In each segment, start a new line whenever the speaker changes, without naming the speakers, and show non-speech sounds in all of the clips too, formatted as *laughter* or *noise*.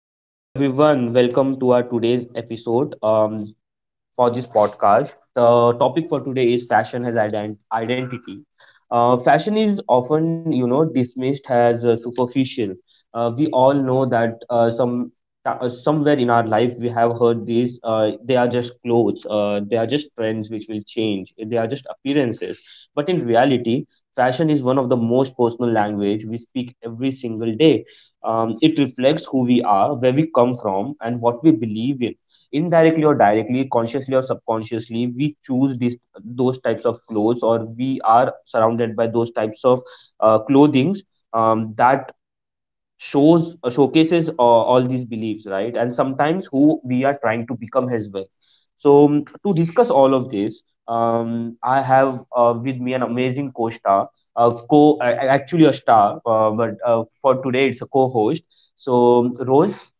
Hello, hello everyone. Welcome to our today's episode. For this podcast, the topic for today is fashion as identity. Fashion is often, you know, dismissed as superficial. We all know that somewhere in our life we have heard these. They are just clothes. They are just trends which will change. They are just appearances. But in reality, fashion is one of the most personal language we speak every single day. It reflects who we are, where we come from, and what we believe in, indirectly or directly, consciously or subconsciously. We choose these those types of clothes, or we are surrounded by those types of clothings that shows showcases all these beliefs, right? And sometimes who we are trying to become as well. So to discuss all of this, I have with me an amazing co-star, actually a star, but for today it's a co-host. So, Rose.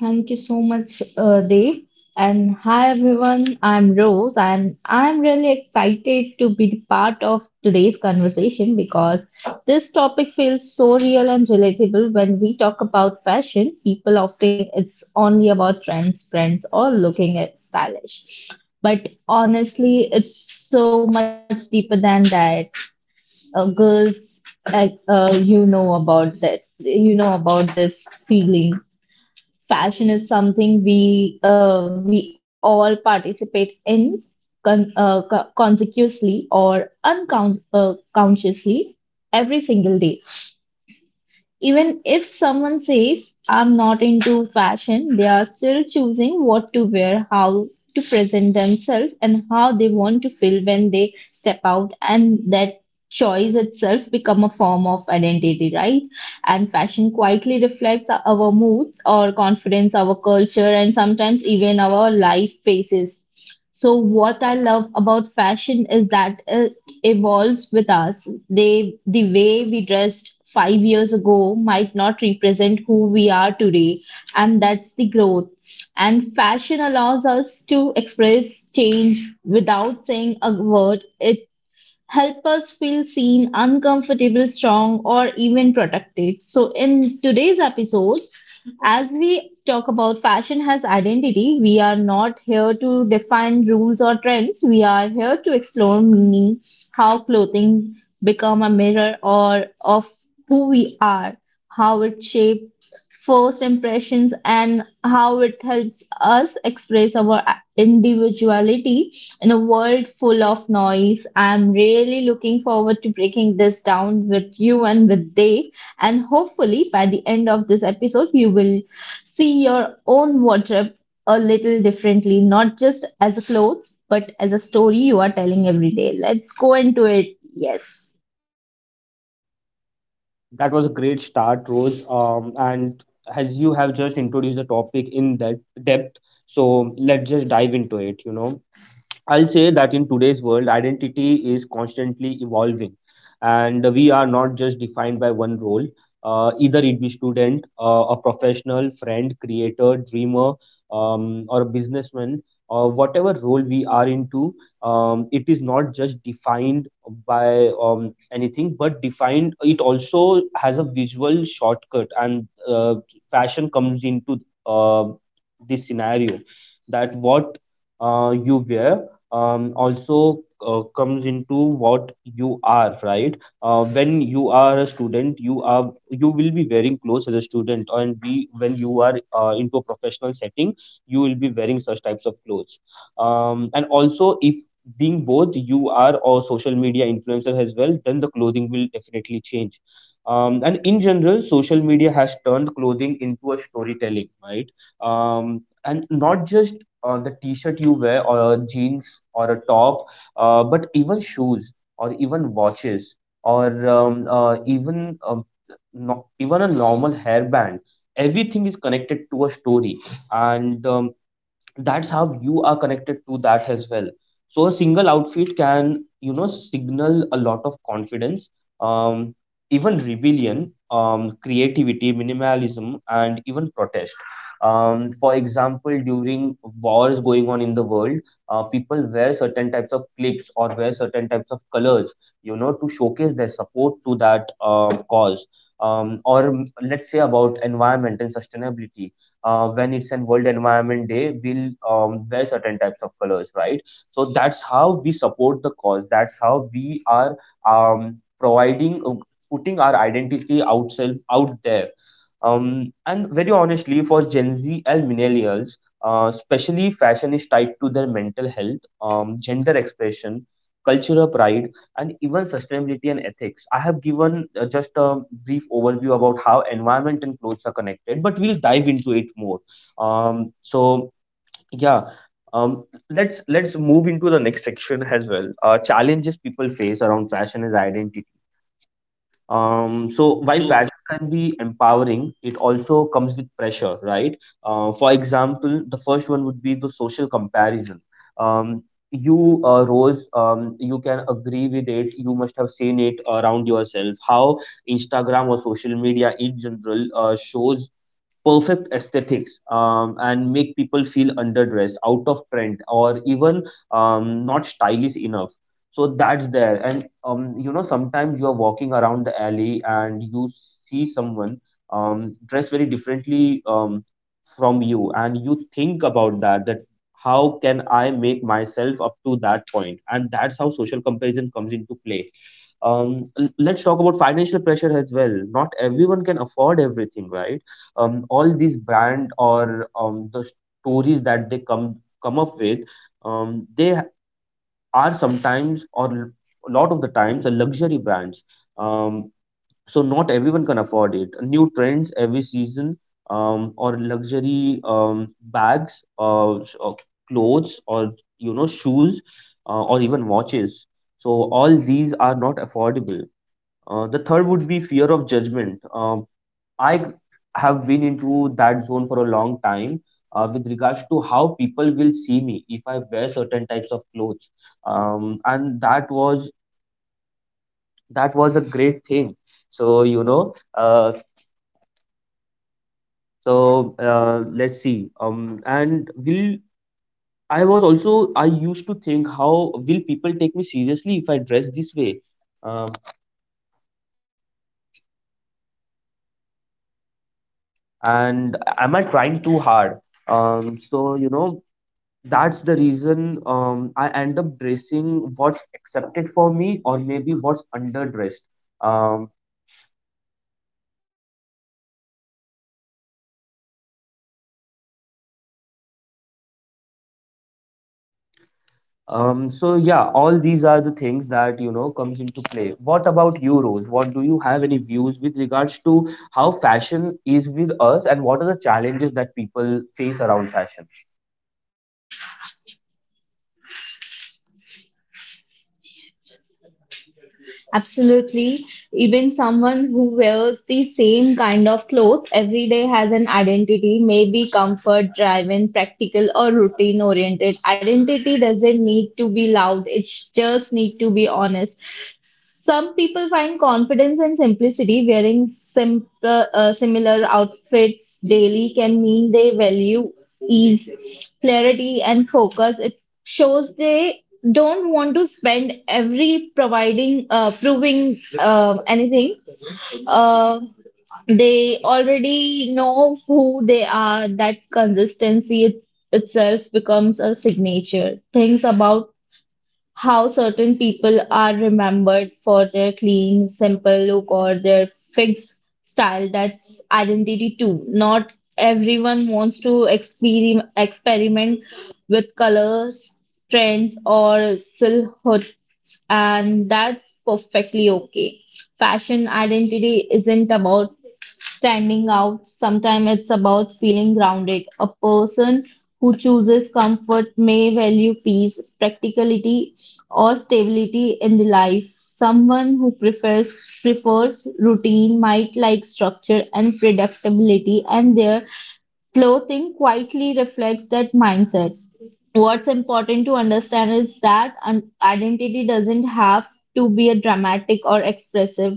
Thank you so much, Dave. And hi, everyone. I'm Rose, and I'm really excited to be the part of today's conversation because this topic feels so real and relatable. When we talk about fashion, people often think it's only about trends or looking at stylish. But honestly, it's so much deeper than that. Girls, you know about that. You know about this feeling. Fashion is something we all participate in consciously or unconsciously consciously every single day. Even if someone says, "I'm not into fashion," they are still choosing what to wear, how to present themselves, and how they want to feel when they step out. And that choice itself become a form of identity, right? And fashion quietly reflects our moods, our confidence, our culture, and sometimes even our life phases. So what I love about fashion is that evolves with us. The way we dressed 5 years ago might not represent who we are today, and that's the growth. And fashion allows us to express change without saying a word. It help us feel seen, uncomfortable, strong, or even protected. So, in today's episode, as we talk about fashion has identity, we are not here to define rules or trends. We are here to explore meaning, how clothing become a mirror or of who we are, how it shapes first impressions and how it helps us express our individuality in a world full of noise. I'm really looking forward to breaking this down with you and with Dave. And hopefully, by the end of this episode, you will see your own wardrobe a little differently, not just as a clothes, but as a story you are telling every day. Let's go into it. Yes.
That was a great start, Rose. And as you have just introduced the topic in that depth, so let's just dive into it, you know. I'll say that in today's world, identity is constantly evolving, and we are not just defined by one role. Either it be student, a professional, friend, creator, dreamer, or a businessman, or whatever role we are into, it is not just defined by anything, but defined. It also has a visual shortcut, and fashion comes into uh, this scenario, that what you wear also comes into what you are, right? When you are a student, you will be wearing clothes as a student, and be when you are into a professional setting, you will be wearing such types of clothes. And also, if being both you are or social media influencer as well, then the clothing will definitely change. And in general, social media has turned clothing into a storytelling, right? And not just the t-shirt you wear or a jeans or a top, but even shoes or even watches or even no, even a normal hairband. Everything is connected to a story, and that's how you are connected to that as well. So a single outfit can, you know, signal a lot of confidence, um, even rebellion, creativity, minimalism, and even protest. For example, during wars going on in the world, people wear certain types of clips or wear certain types of colors, you know, to showcase their support to that cause. Or let's say about environment and sustainability. When it's an World Environment Day, we'll wear certain types of colors, right? So that's how we support the cause. That's how we are um, providing, uh, putting our identity outside out there. And very honestly, for Gen Z and millennials, especially, fashion is tied to their mental health, gender expression, cultural pride, and even sustainability and ethics. I have given just a brief overview about how environment and clothes are connected, but we'll dive into it more. So yeah, um, let's move into the next section as well. Challenges people face around fashion is identity. So, while fashion can be empowering, it also comes with pressure, right? For example, the first one would be the social comparison. Um, you, Rose, you can agree with it. You must have seen it around yourself, how Instagram or social media in general shows perfect aesthetics and make people feel underdressed, out of trend, or even not stylish enough. So that's there. And you know, sometimes you're walking around the alley and you see someone dressed very differently from you, and you think about that, that how can I make myself up to that point? And that's how social comparison comes into play. Let's talk about financial pressure as well. Not everyone can afford everything, right? All these brand or the stories that they come up with, they are sometimes, or a lot of the times, a luxury brands, um, so not everyone can afford it, new trends every season, or luxury bags, or clothes, or you know, shoes, or even watches. So all these are not affordable. The third would be fear of judgment. I have been into that zone for a long time, with regards to how people will see me if I wear certain types of clothes. And that was a great thing. So you know, let's see. And will I was also, I used to think, how will people take me seriously if I dress this way? Um, and am I trying too hard? So you know, that's the reason I end up dressing what's accepted for me, or maybe what's underdressed. Um, so yeah, all these are the things that, you know, comes into play. What about you, Rose? What do you have, any views with regards to how fashion is with us, and what are the challenges that people face around fashion?
Absolutely. Even someone who wears the same kind of clothes every day has an identity, maybe comfort driven, practical, or routine oriented. Identity doesn't need to be loud, it just need to be honest. Some people find confidence and simplicity. Wearing simple, similar outfits daily can mean they value ease, clarity and focus. It shows they don't want to spend every providing proving anything. Uh, they already know who they are. That consistency itself becomes a signature. Things about how certain people are remembered for their clean, simple look or their fixed style. That's identity too. Not everyone wants to experiment with colors, trends, or silhouettes, and that's perfectly okay. Fashion identity isn't about standing out. Sometimes it's about feeling grounded. A person who chooses comfort may value peace, practicality, or stability in the life. Someone who prefers routine might like structure and predictability, and their clothing quietly reflects that mindset. What's important to understand is that identity doesn't have to be a dramatic or expressive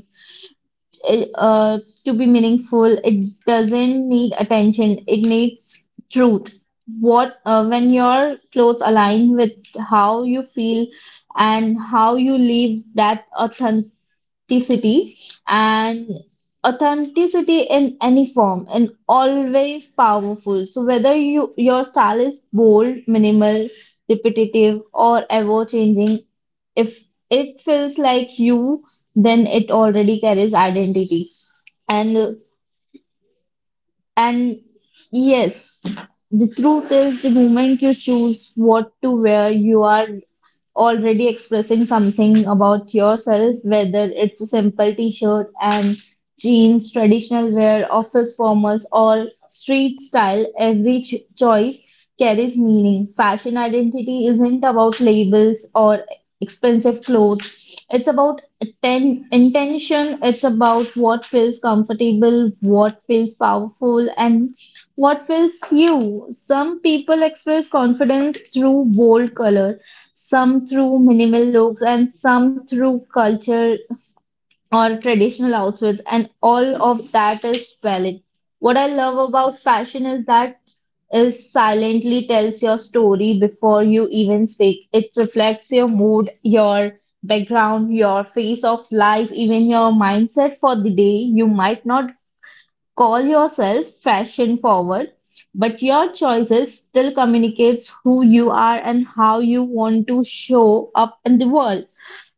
uh, to be meaningful, it doesn't need attention. It needs truth. What When your clothes align with how you feel and how you live, that authenticity and authenticity in any form and always powerful. So whether you your style is bold, minimal, repetitive or ever changing, if it feels like you, then it already carries identity. And and yes, the truth is the moment you choose what to wear, you are already expressing something about yourself, whether it's a simple t shirt and jeans, traditional wear, office formals, or street style, every choice carries meaning. Fashion identity isn't about labels or expensive clothes, it's about intention, it's about what feels comfortable, what feels powerful, and what feels you? Some people express confidence through bold color, some through minimal looks and some through culture or traditional outfits, and all of that is valid. What I love about fashion is that it silently tells your story before you even speak. It reflects your mood, your background, your phase of life, even your mindset for the day. You might not call yourself fashion-forward, but your choices still communicates who you are and how you want to show up in the world.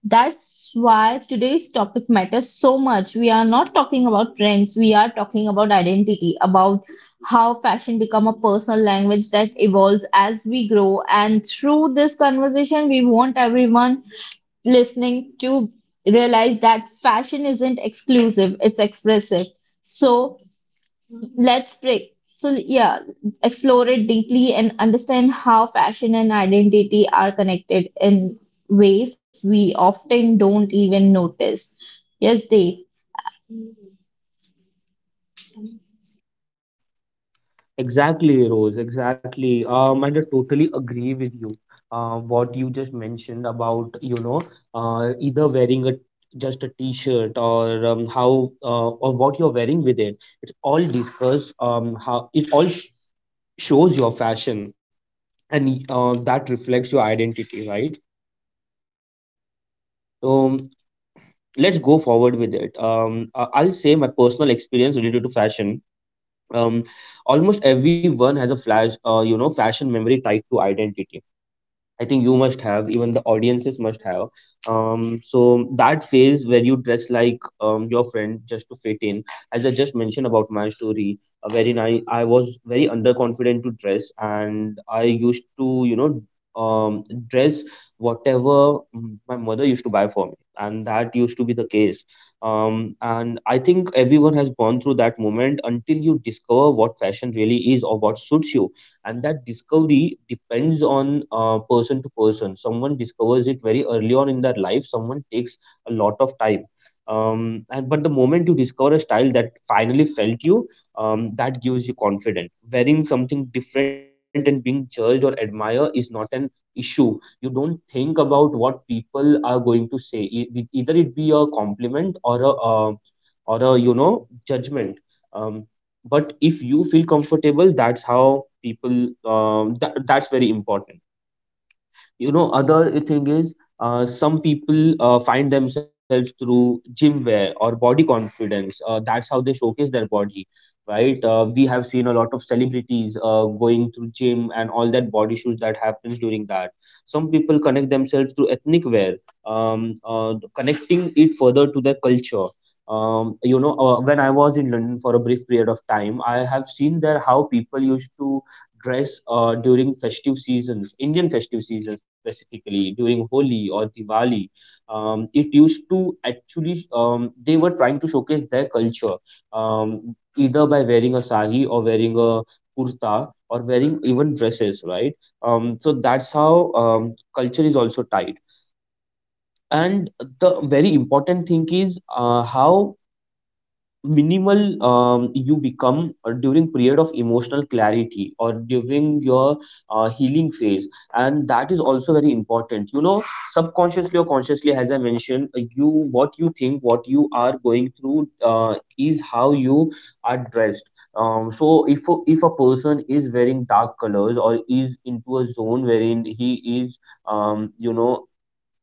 That's why today's topic matters so much. We are not talking about trends, we are talking about identity, about how fashion become a personal language that evolves as we grow. And through this conversation, we want everyone listening to realize that fashion isn't exclusive, it's expressive. So let's break. So, yeah, explore it deeply and understand how fashion and identity are connected in ways we often don't even notice. Yes, Dave.
Exactly, Rose. Exactly. And I totally agree with you. What you just mentioned about, you know, either wearing a just a t-shirt or how or what you're wearing with it. It's all discussed. How it all sh shows your fashion, and that reflects your identity, right? So let's go forward with it. I'll say my personal experience related to fashion. Um, Almost everyone has a you know, fashion memory tied to identity. I think you must have, even the audiences must have. So that phase where you dress like your friend just to fit in, as I just mentioned about my story, wherein I was very underconfident to dress, and I used to, you know, dress whatever, my mother used to buy for me, and that used to be the case. And I think everyone has gone through that moment until you discover what fashion really is, or what suits you. And that discovery depends on person to person. Someone discovers it very early on in their life, someone takes a lot of time. And But the moment you discover a style that finally felt you, that gives you confidence. Wearing something different and being judged or admired is not an issue. You don't think about what people are going to say, either it be a compliment or a uh, or a, you know, judgment. um, but if you feel comfortable, that's how people, that's very important. You know, other thing is some people find themselves through gym wear or body confidence. That's how they showcase their body, right? We have seen a lot of celebrities going through gym and all that body shoots that happens during that. Some people connect themselves through ethnic wear, connecting it further to their culture. You know, when I was in London for a brief period of time, I have seen there how people used to dress during festive seasons, Indian festive season specifically, during Holi or Diwali. It used to actually, they were trying to showcase their culture, either by wearing a sari, or wearing a kurta, or wearing even dresses, right? So that's how culture is also tied. And the very important thing is how minimal you become during period of emotional clarity, or during your healing phase. And that is also very important. You know, subconsciously or consciously, as I mentioned, you, what you think, what you are going through, is how you are dressed. So if a person is wearing dark colors, or is into a zone wherein he is, you know,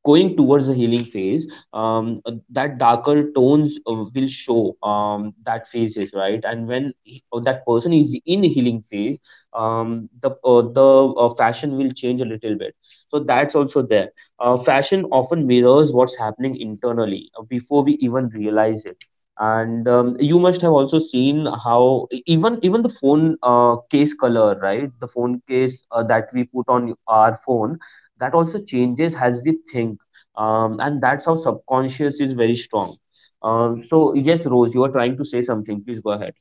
going towards the healing phase, that darker tones will show that phases, right? And when that person is in healing phase, the fashion will change a little bit. So that's also there. Fashion often mirrors what's happening internally before we even realize it. And you must have also seen how even the phone case color, right? The phone case that we put on our phone, that also changes as we think. And that's how subconscious is very strong. So yes, Rose, you are trying to say something, please go ahead.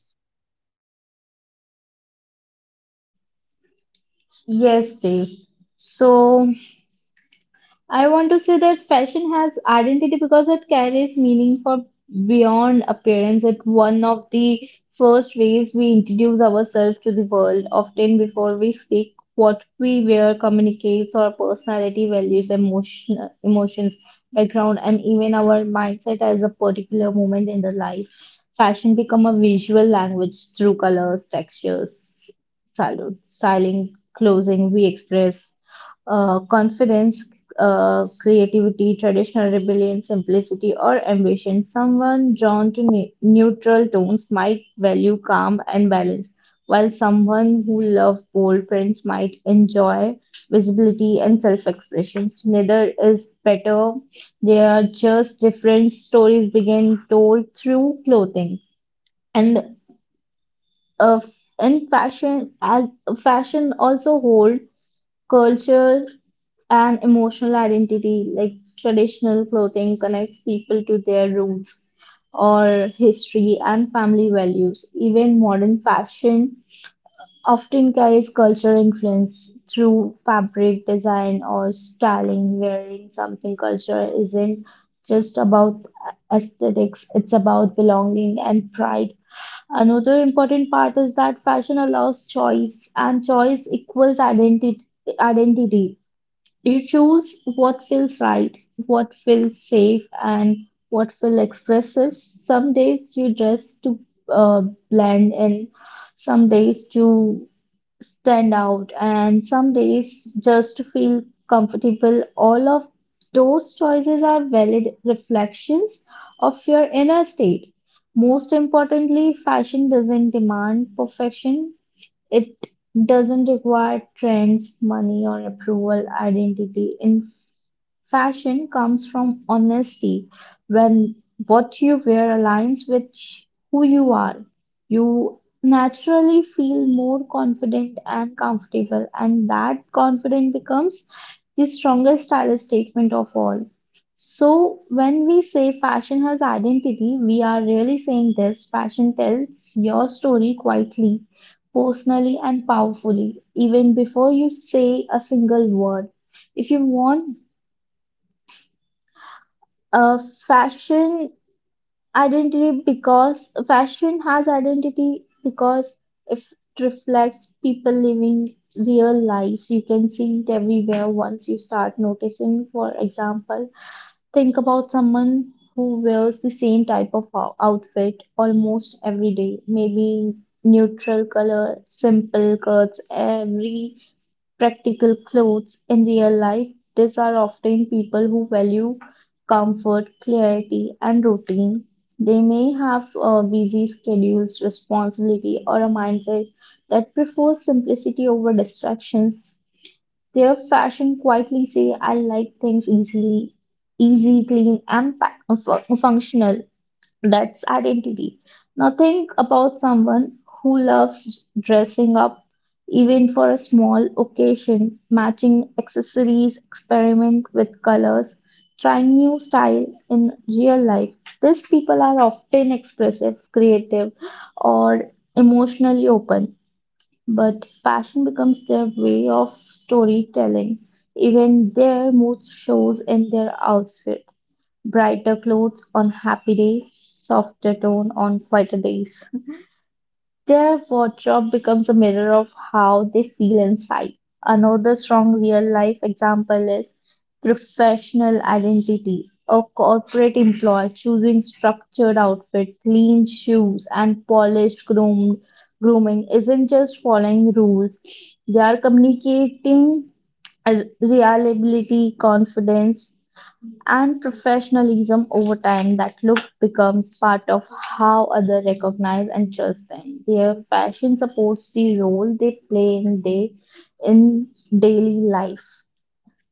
Yes, Dave. So, I want to say that fashion has identity because it carries meaning for beyond appearance. It's one of the first ways we introduce ourselves to the world, often before we speak. What we wear communicates our personality, values, emotions, background, and even our mindset as a particular moment in the life. Fashion become a visual language through colors, textures, styling, clothing. We express confidence, creativity, traditional rebellion, simplicity, or ambition. Someone drawn to neutral tones might value calm and balance, while someone who loves bold prints might enjoy visibility and self expressions. Neither is better, they are just different stories being told through clothing. And uh, and fashion also hold culture, an emotional identity. Like traditional clothing connects people to their roots or history and family values. Even modern fashion often carries cultural influence through fabric design or styling. Wearing something culture isn't just about aesthetics, it's about belonging and pride. Another important part is that fashion allows choice, and choice equals identity. You choose what feels right, what feels safe, and what feels expressive. Some days you dress to uh, blend in, some days to stand out, and some days just to feel comfortable. All of those choices are valid reflections of your inner state. Most importantly, fashion doesn't demand perfection, it doesn't require trends, money, or approval. Identity in fashion comes from honesty. When what you wear aligns with who you are, you naturally feel more confident and comfortable, and that confidence becomes the strongest style statement of all. So, when we say fashion has identity, we are really saying this fashion tells your story quietly, personally and powerfully, even before you say a single word. If you want a fashion identity, because fashion has identity, because if it reflects people living real lives, you can see it everywhere once you start noticing. For example, think about someone who wears the same type of outfit almost every day, maybe neutral color, simple cuts every practical clothes. In real life, these are often people who value comfort, clarity, and routine. They may have busy schedules, responsibility, or a mindset that prefers simplicity over distractions. Their fashion quietly say, "I like things easily, easy, clean, and functional." That's identity. Now think about someone who loves dressing up even for a small occasion, matching accessories, experiment with colors, trying new style in real life. These people are often expressive, creative, or emotionally open, but fashion becomes their way of storytelling. Even their mood shows in their outfit. Brighter clothes on happy days, softer tone on quieter days. Their wardrobe becomes a mirror of how they feel inside. Another strong real life example is professional identity. A corporate employee choosing structured outfit, clean shoes, and polished grooming isn't just following rules. They are communicating reliability, confidence, and professionalism. Over time that look becomes part of how others recognize and trust them. Their fashion supports the role they play in day in daily life.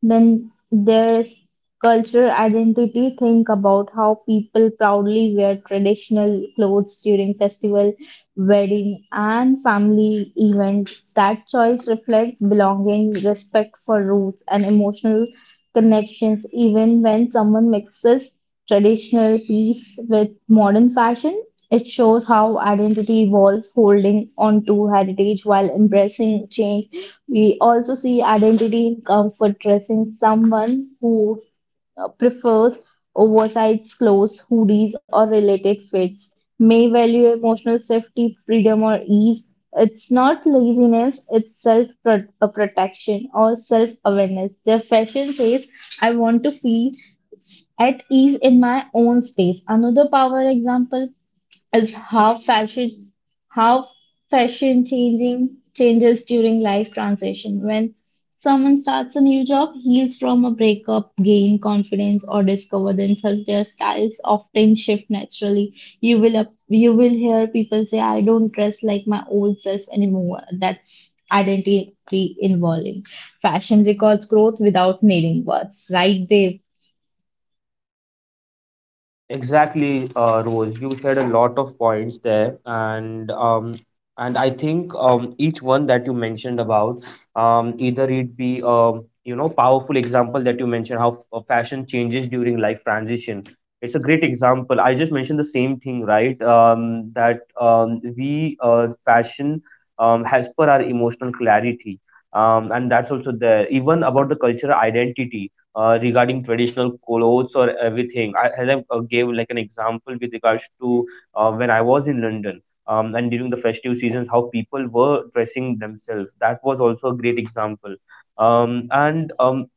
Then there's cultural identity. Think about how people proudly wear traditional clothes during festival, wedding, and family events. That choice reflects belonging, respect for roots, and emotional connections, even when someone mixes traditional piece with modern fashion. It shows how identity evolves, holding on to heritage while embracing change. We also see identity in comfort dressing. Someone who prefers oversized clothes, hoodies, or related fits, may value emotional safety, freedom, or ease. It's not laziness, it's self protection or self awareness. Their fashion says, I want to feel at ease in my own space. Another power example is how fashion changing changes during life transition when someone starts a new job, heals from a breakup, gain confidence or discover themselves, their styles often shift naturally. You will hear people say, I don't dress like my old self anymore. That's identity involving fashion records growth without nailing words, right? They.
Exactly, Rose. You shared a lot of points there, and I think each one that you mentioned about, either it be powerful example that you mentioned how fashion changes during life transition. It's a great example. I just mentioned the same thing, right? That we fashion has per our emotional clarity, and that's also there. Even about the cultural identity regarding traditional clothes or everything. I gave like an example with regards to when I was in London, and during the festive seasons, how people were dressing themselves. That was also a great example. And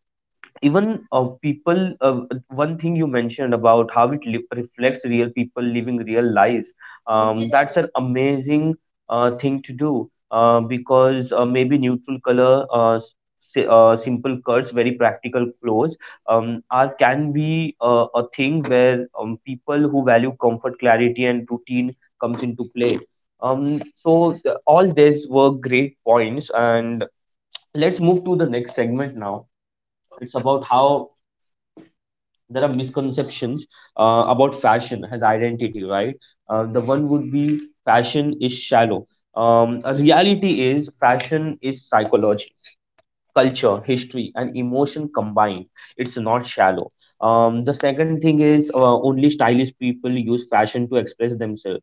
even people One thing you mentioned about how it reflects real people living real lives, that's an amazing thing to do, because maybe neutral color, simple cuts, very practical clothes are can be a thing where people who value comfort, clarity and routine comes into play. All these were great points, and let's move to the next segment now. It's about how there are misconceptions about fashion as identity, right? The one would be fashion is shallow. A reality is fashion is psychology, culture, history, and emotion combined. It's not shallow. The second thing is only stylish people use fashion to express themselves.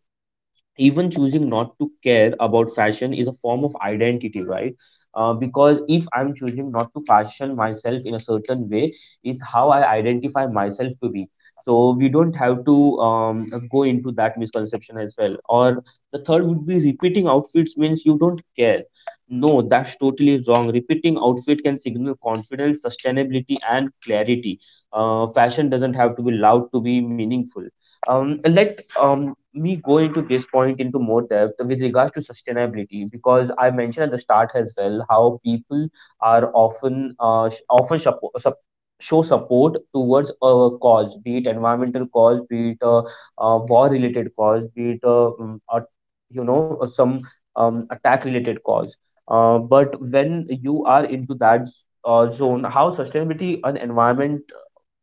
Even choosing not to care about fashion is a form of identity, right? Because if I'm choosing not to fashion myself in a certain way is how I identify myself to be. So we don't have to go into that misconception as well. Or the third would be repeating outfits means you don't care. No, that's totally wrong. Repeating outfit can signal confidence, sustainability and clarity. Fashion doesn't have to be loud to be meaningful. Let me go into this point into more depth with regards to sustainability, because I mentioned at the start as well how people are often show support towards a cause, be it environmental cause, be it a, uh, war related cause, be it a, a, some attack related cause. But when you are into that zone, how sustainability and environment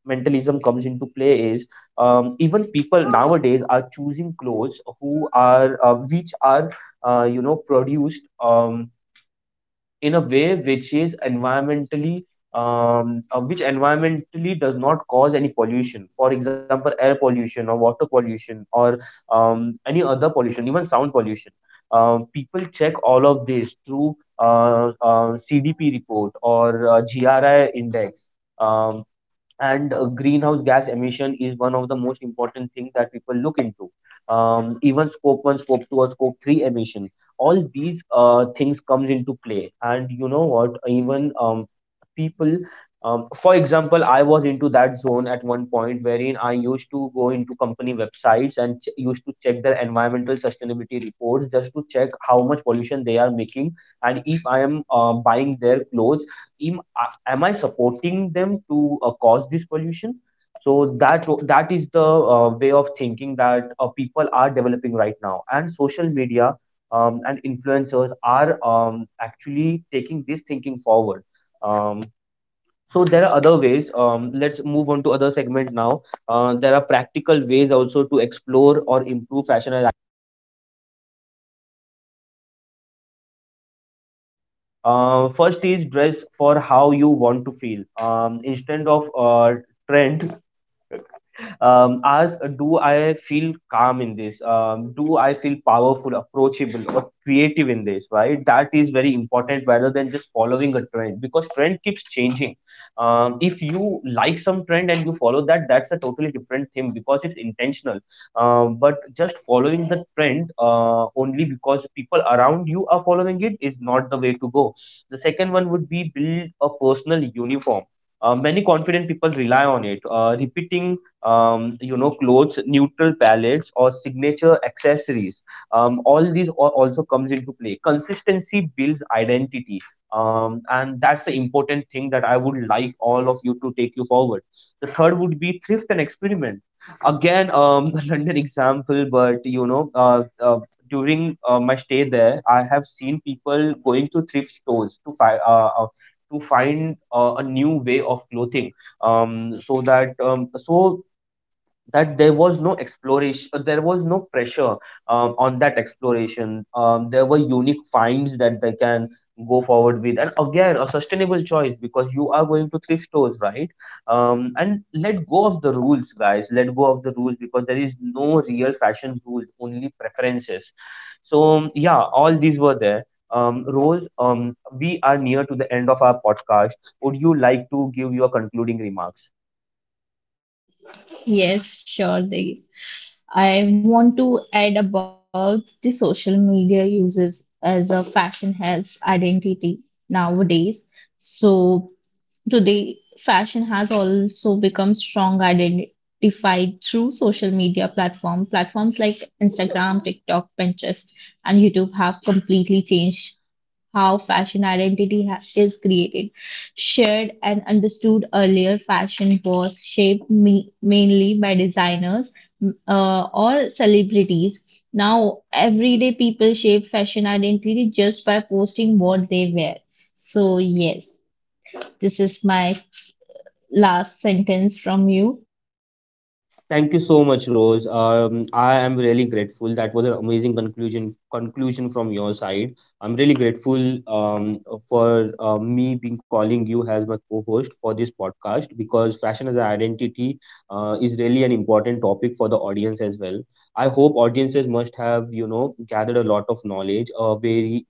mentalism comes into play is, even people nowadays are choosing clothes who are which are produced in a way which is environmentally which environmentally does not cause any pollution, for example air pollution or water pollution or any other pollution, even sound pollution. People check all of this through CDP report or GRI index, um, and greenhouse gas emission is one of the most important thing that people look into. Even scope 1, scope 2 or scope 3 emission, all these things comes into play. And you know what, even people, for example, I was into that zone at one point, wherein I used to go into company websites and used to check their environmental sustainability reports just to check how much pollution they are making, and if I am buying their clothes, am I supporting them to cause this pollution? So that is the way of thinking that people are developing right now, and social media and influencers are actually taking this thinking forward. Um, so there are other ways. Let's move on to other segment now. There are practical ways also to explore or improve fashion. And first is dress for how you want to feel. Instead of trend, ask, do I feel calm in this, do I feel powerful, approachable or creative in this, right? That is very important rather than just following a trend, because trend keeps changing. If you like some trend and you follow that, that's a totally different thing because it's intentional. But just following the trend only because people around you are following it is not the way to go. The second one would be build a personal uniform. Many confident people rely on it, repeating, you know, clothes, neutral palettes, or signature accessories. All these also comes into play. Consistency builds identity. And that's the important thing that I would like all of you to take you forward. The third would be thrift and experiment. Again, *laughs* London example, but you know, during my stay there, I have seen people going to thrift stores to find a new way of clothing, um so that um so that there was no exploration, there was no pressure on that exploration. There were unique finds that they can go forward with, and again a sustainable choice because you are going to thrift stores, right? And let go of the rules, guys, let go of the rules, because there is no real fashion rules, only preferences. So yeah, all these were there. Rose, we are near to the end of our podcast. Would you like to give your concluding remarks?
Yes, sure, Dev. I want to add about the social media uses as a fashion has identity nowadays. So today, fashion has also become strong identified through social media platform. Platforms like Instagram, TikTok, Pinterest, and YouTube have completely changed how fashion identity is created. Shared and understood earlier, fashion was shaped mainly by designers or celebrities. Now, everyday people shape fashion identity just by posting what they wear. So, yes, this is my last sentence from you.
Thank you so much, Rose. I am really grateful. That was an amazing conclusion from your side. I'm really grateful, for me being calling you as my co-host for this podcast, because fashion as an identity is really an important topic for the audience as well. I hope audiences must have, you know, gathered a lot of knowledge, a very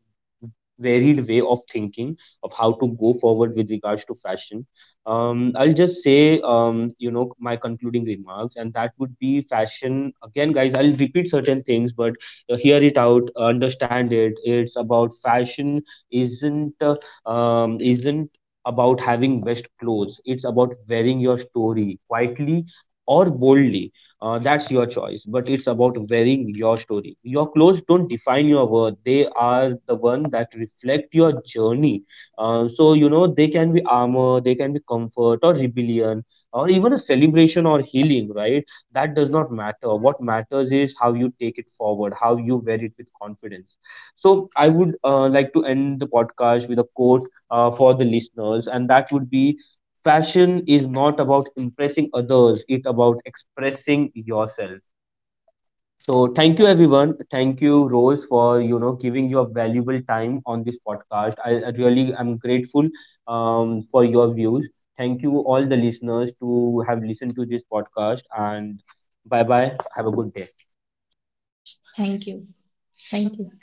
varied way of thinking of how to go forward with regards to fashion. I'll just say, you know, my concluding remarks, and that would be fashion. Again, guys, I'll repeat certain things, but hear it out, understand it. It's about fashion isn't about having best clothes. It's about wearing your story quietly or boldly. That's your choice, but it's about wearing your story. Your clothes don't define your worth. They are the one that reflect your journey. So, you know, they can be armor, they can be comfort or rebellion, or even a celebration or healing, right? That does not matter. What matters is how you take it forward, how you wear it with confidence. So, I would like to end the podcast with a quote for the listeners, and that would be, fashion is not about impressing others, it's about expressing yourself. So thank you everyone. Thank you Rose for, you know, giving your valuable time on this podcast. I really am grateful for your views. Thank you all the listeners to have listened to this podcast, and bye bye. Have a good day.
Thank you. Thank you.